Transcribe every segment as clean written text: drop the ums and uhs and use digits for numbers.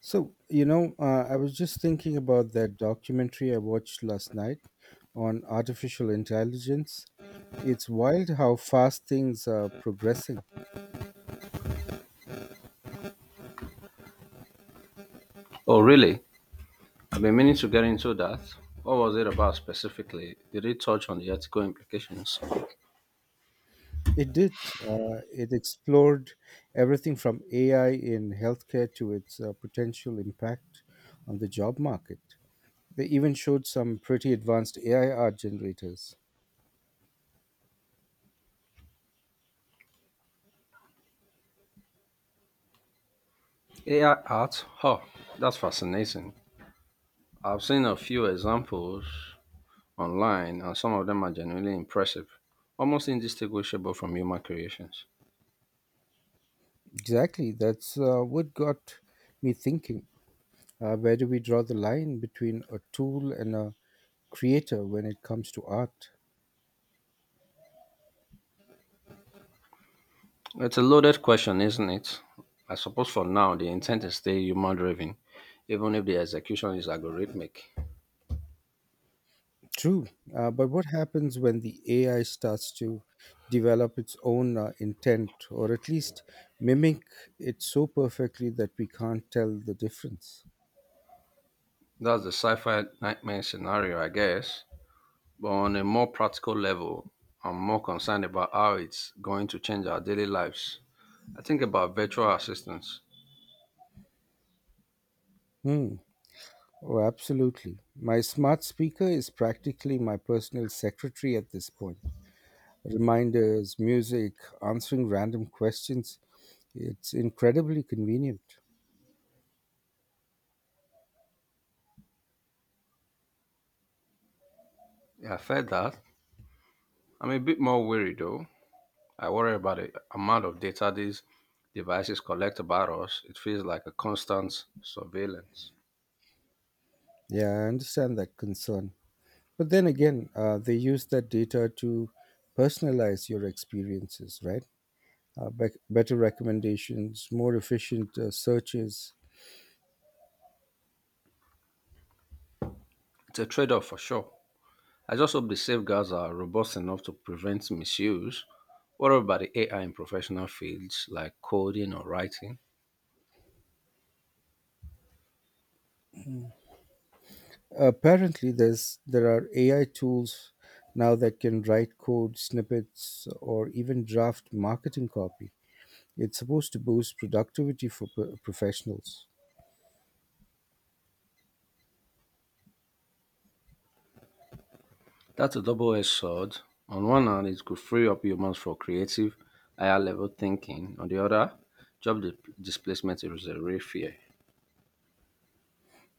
I was just thinking about that documentary I watched last night on artificial intelligence. It's wild how fast things are progressing. Oh, really? I've been meaning to get into that. What was it about specifically? Did it touch on the ethical implications? It did. It explored everything from AI in healthcare to its potential impact on the job market. They even showed some pretty advanced AI art generators. AI art? Oh, that's fascinating. I've seen a few examples online, and some of them are genuinely impressive, almost indistinguishable from human creations. Exactly. That's what got me thinking. Where do we draw the line between a tool and a creator when it comes to art? It's a loaded question, isn't it? I suppose for now, the intent is still human driven, even if the execution is algorithmic. True, but what happens when the AI starts to develop its own intent, or at least mimic it so perfectly that we can't tell the difference? That's the sci fi nightmare scenario, I guess. But on a more practical level, I'm more concerned about how it's going to change our daily lives. I think about virtual assistants. Hmm. Oh, absolutely. My smart speaker is practically my personal secretary at this point. Reminders, music, answering random questions. It's incredibly convenient. Yeah, I felt that. I'm a bit more worried though. I worry about the amount of data these devices collect about us. It feels like a constant surveillance. Yeah, I understand that concern. But then again, they use that data to personalize your experiences, right? Better recommendations, more efficient searches. It's a trade off for sure. I just hope the safeguards are robust enough to prevent misuse. What about the AI in professional fields like coding or writing? Apparently, there are AI tools now that can write code snippets or even draft marketing copy. It's supposed to boost productivity for professionals. That's a double-edged sword. On one hand, it could free up humans for creative, higher-level thinking. On the other, job displacement is a real fear.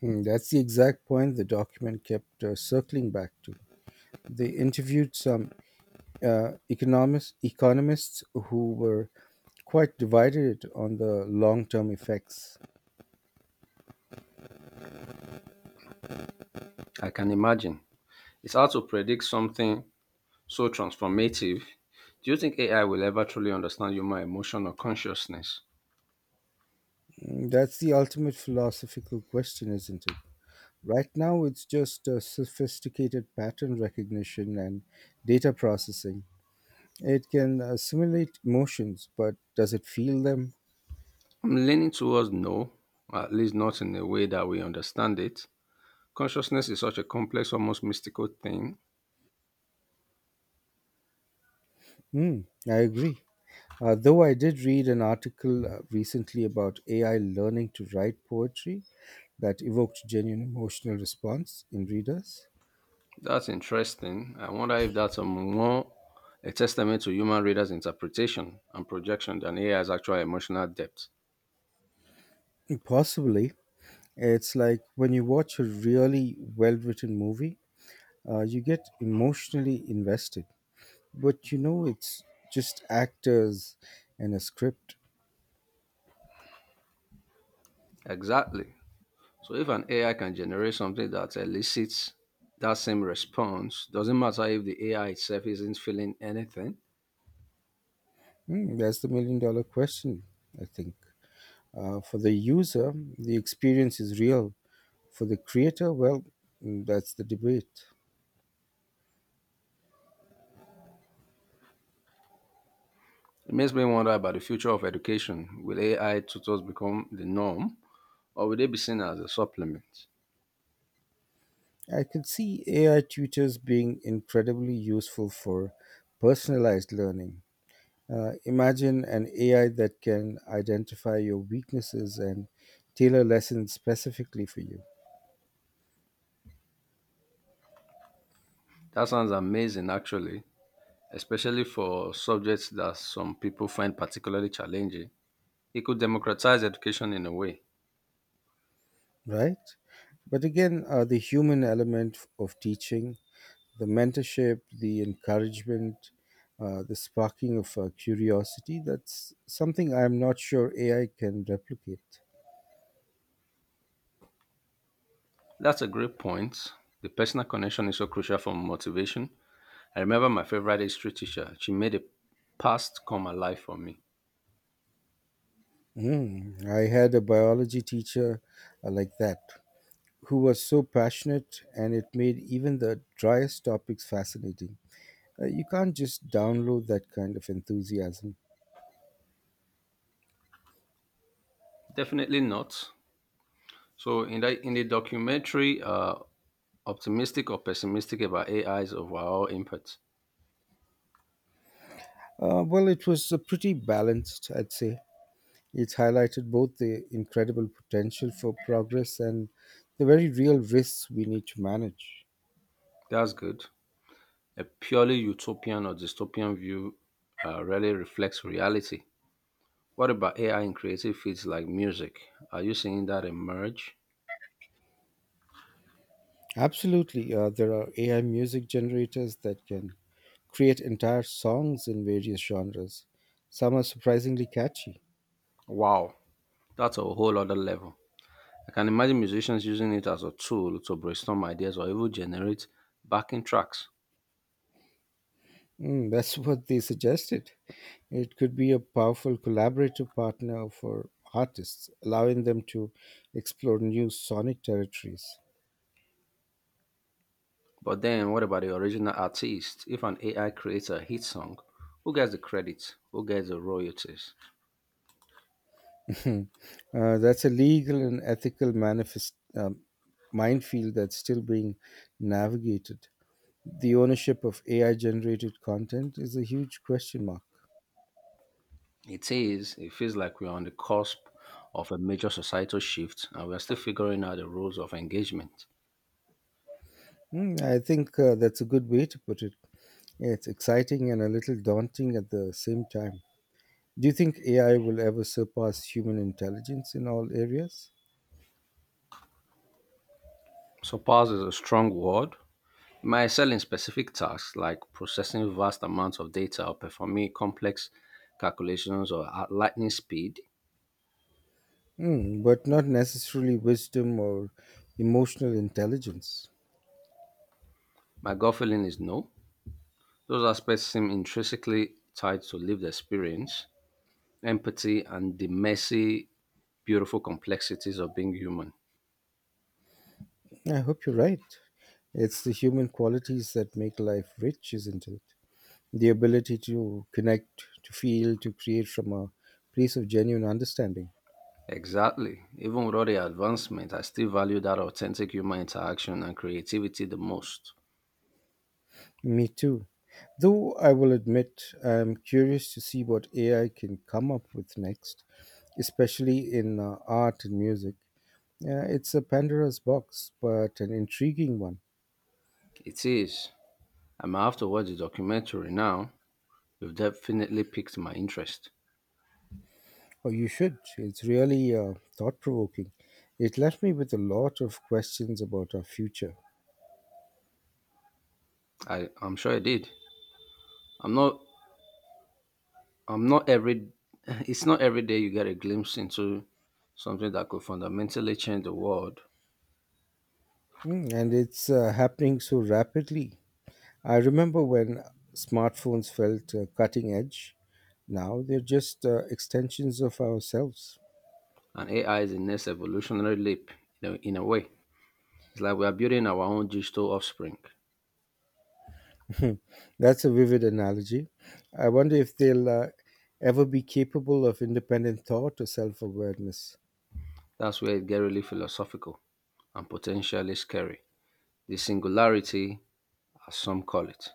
Hmm, that's the exact point the document kept circling back to. They interviewed some economists who were quite divided on the long term effects. I can imagine. It's hard to predict something so transformative. Do you think AI will ever truly understand human emotion or consciousness? Mm, that's the ultimate philosophical question, isn't it? Right now, it's just sophisticated pattern recognition and data processing. It can simulate emotions, but does it feel them? I'm leaning towards no, at least not in a way that we understand it. Consciousness is such a complex, almost mystical thing. Hmm, I agree. Though I did read an article recently about AI learning to write poetry that evoked genuine emotional response in readers. That's interesting. I wonder if that's a testament to human readers' interpretation and projection than AI's actual emotional depth. Possibly. It's like when you watch a really well written movie, you get emotionally invested, but you know it's just actors and a script. Exactly. So if an AI can generate something that elicits that same response, doesn't matter if the AI itself isn't feeling anything. Hmm, that's the $1 million question, I think. For the user, the experience is real. For the creator, well, that's the debate. It makes me wonder about the future of education. Will AI tutors become the norm or will they be seen as a supplement? I could see AI tutors being incredibly useful for personalized learning. Imagine an AI that can identify your weaknesses and tailor lessons specifically for you, That sounds amazing actually, especially for subjects that some people find particularly challenging. It could democratize education in a way. right? But again, the human element of teaching, the mentorship, the encouragement, the sparking of curiosity, that's something I'm not sure AI can replicate. That's a great point. The personal connection is so crucial for motivation. I remember my favorite history teacher. She made the past come alive for me. Mm, I had a biology teacher like that, who was so passionate, and it made even the driest topics fascinating. You can't just download that kind of enthusiasm. Definitely not. So in the documentary, optimistic or pessimistic about AI's overall impact. Well, it was pretty balanced, I'd say. It highlighted both the incredible potential for progress and the very real risks we need to manage. That's good. A purely utopian or dystopian view rarely reflects reality. What about AI in creative fields like music? Are you seeing that emerge? Absolutely, there are AI music generators that can create entire songs in various genres. Some are surprisingly catchy. Wow, that's a whole other level. I can imagine musicians using it as a tool to brainstorm ideas or even generate backing tracks. Mm, that's what they suggested. It could be a powerful collaborative partner for artists, allowing them to explore new sonic territories. But then, what about the original artist? If an AI creates a hit song, who gets the credit? Who gets the royalties? Hmm. That's a legal and ethical manifest minefield that's still being navigated. The ownership of AI generated content is a huge question mark. It is, it feels like we're on the cusp of a major societal shift and we're still figuring out the rules of engagement. Hmm, I think that's a good way to put it. It's exciting and a little daunting at the same time. Do you think AI will ever surpass human intelligence in all areas? Surpass is a strong word. It might excel in specific tasks like processing vast amounts of data or performing complex calculations or at lightning speed. Hmm, but not necessarily wisdom or emotional intelligence. My gut feeling is no. Those aspects seem intrinsically tied to lived experience, empathy, and the messy, beautiful complexities of being human. I hope you're right. It's the human qualities that make life rich, isn't it? The ability to connect, to feel, to create from a place of genuine understanding. Exactly. Even with all the advancement, I still value that authentic human interaction and creativity the most. Me too. Though I will admit, I'm curious to see what AI can come up with next, especially in art and music. Yeah, it's a Pandora's box, but an intriguing one. It is. I'm after to watch the documentary now. You've definitely piqued my interest. Oh, you should. It's really thought provoking. It left me with a lot of questions about our future. I'm sure it did. I'm not I'm not every it's not every day you get a glimpse into something that could fundamentally change the world. Mm, and it's happening so rapidly. I remember when smartphones felt cutting edge. Now they're just extensions of ourselves. And AI is the next evolutionary leap you know, in a way. It's like we are building our own digital offspring. That's a vivid analogy. I wonder if they'll ever be capable of independent thought or self awareness. That's where it gets really philosophical and potentially scary. The singularity, as some call it.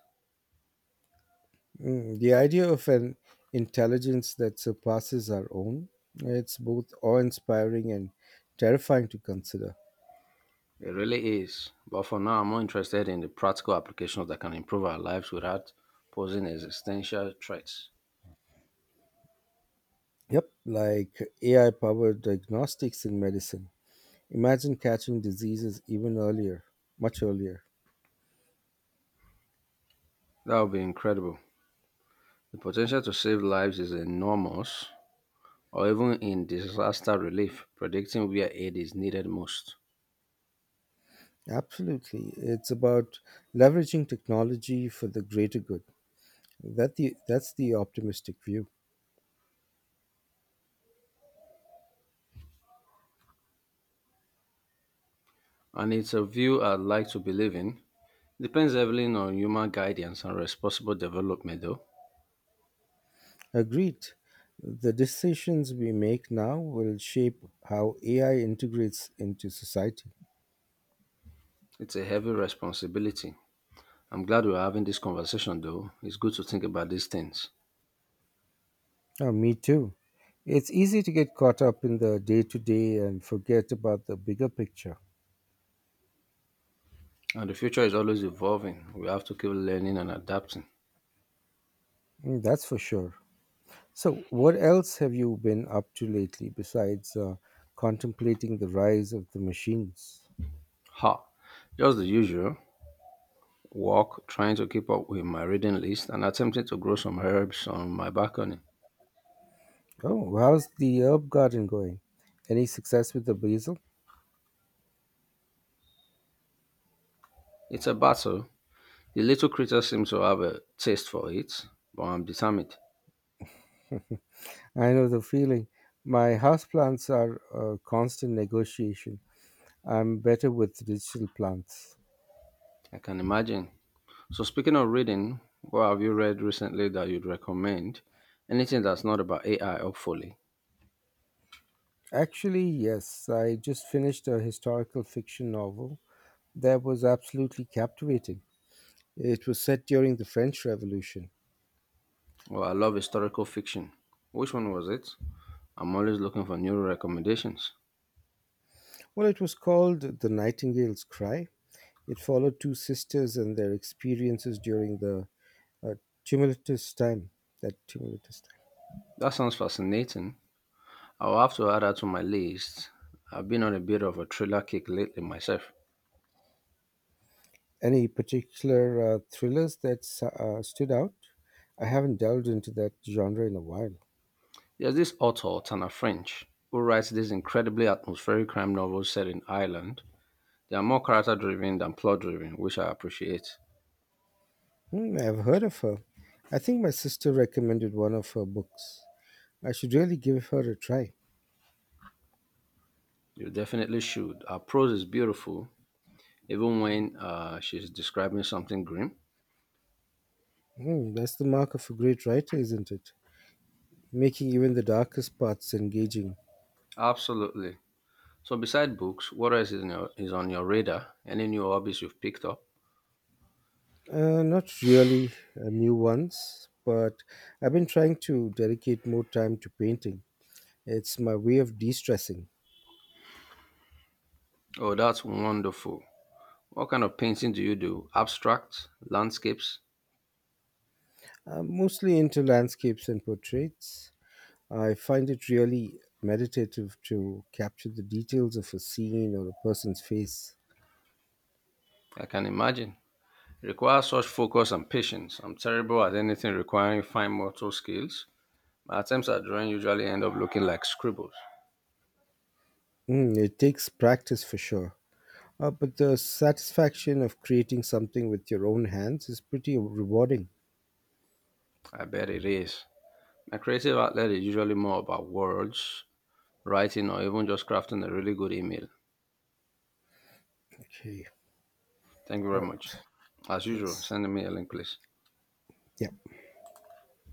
Mm, the idea of an intelligence that surpasses our own, it's both awe-inspiring and terrifying to consider. It really is. But for now, I'm more interested in the practical applications that can improve our lives without posing existential threats. Yep, like AI-powered diagnostics in medicine. Imagine catching diseases even earlier, much earlier. That would be incredible. The potential to save lives is enormous, or even in disaster relief, predicting where aid is needed most. Absolutely. It's about leveraging technology for the greater good. That's the optimistic view. And it's a view I'd like to believe in. Depends heavily on human guidance and responsible development, though. Agreed. The decisions we make now will shape how AI integrates into society. It's a heavy responsibility. I'm glad we're having this conversation, though. It's good to think about these things. Oh, me too. It's easy to get caught up in the day to day and forget about the bigger picture. And the future is always evolving. We have to keep learning and adapting. Mm, that's for sure. So, what else have you been up to lately besides contemplating the rise of the machines? Ha! Just the usual walk, trying to keep up with my reading list, and attempting to grow some herbs on my balcony. Oh, how's the herb garden going? Any success with the basil? It's a battle. The little critter seems to have a taste for it, but I'm determined. I know the feeling. My houseplants are a constant negotiation. I'm better with digital plants. I can imagine. So, speaking of reading, what have you read recently that you'd recommend? Anything that's not about AI, hopefully. Actually, yes. I just finished a historical fiction novel that was absolutely captivating. It was set during the French Revolution. Well, I love historical fiction. Which one was it? I'm always looking for new recommendations. Well, it was called The Nightingale's Cry. It followed two sisters and their experiences during the uh, tumultuous time. Tumultuous time. That sounds fascinating. I'll have to add that to my list. I've been on a bit of a thriller kick lately myself. Any particular thrillers that stood out? I haven't delved into that genre in a while. There's this author, Tana French, who writes these incredibly atmospheric crime novels set in Ireland. They are more character driven than plot driven, which I appreciate. Hmm, I've heard of her. I think my sister recommended one of her books. I should really give her a try. You definitely should. Her prose is beautiful, even when she's describing something grim. Hmm, that's the mark of a great writer, isn't it? Making even the darkest parts engaging. Absolutely. So, beside books, what else is on your radar? Any new hobbies you've picked up? Not really new ones, but I've been trying to dedicate more time to painting. It's my way of de stressing. Oh, that's wonderful. What kind of painting do you do? Abstract? Landscapes? I'm mostly into landscapes and portraits. I find it really meditative to capture the details of a scene or a person's face. I can imagine. Requires such focus and patience. I'm terrible at anything requiring fine motor skills. My attempts at drawing usually end up looking like scribbles. Mm, it takes practice for sure. But the satisfaction of creating something with your own hands is pretty rewarding. I bet it is. My creative outlet is usually more about words, writing, or even just crafting a really good email. Okay. Thank you All very much. right. As usual, Thanks. send me a link, please. Yeah.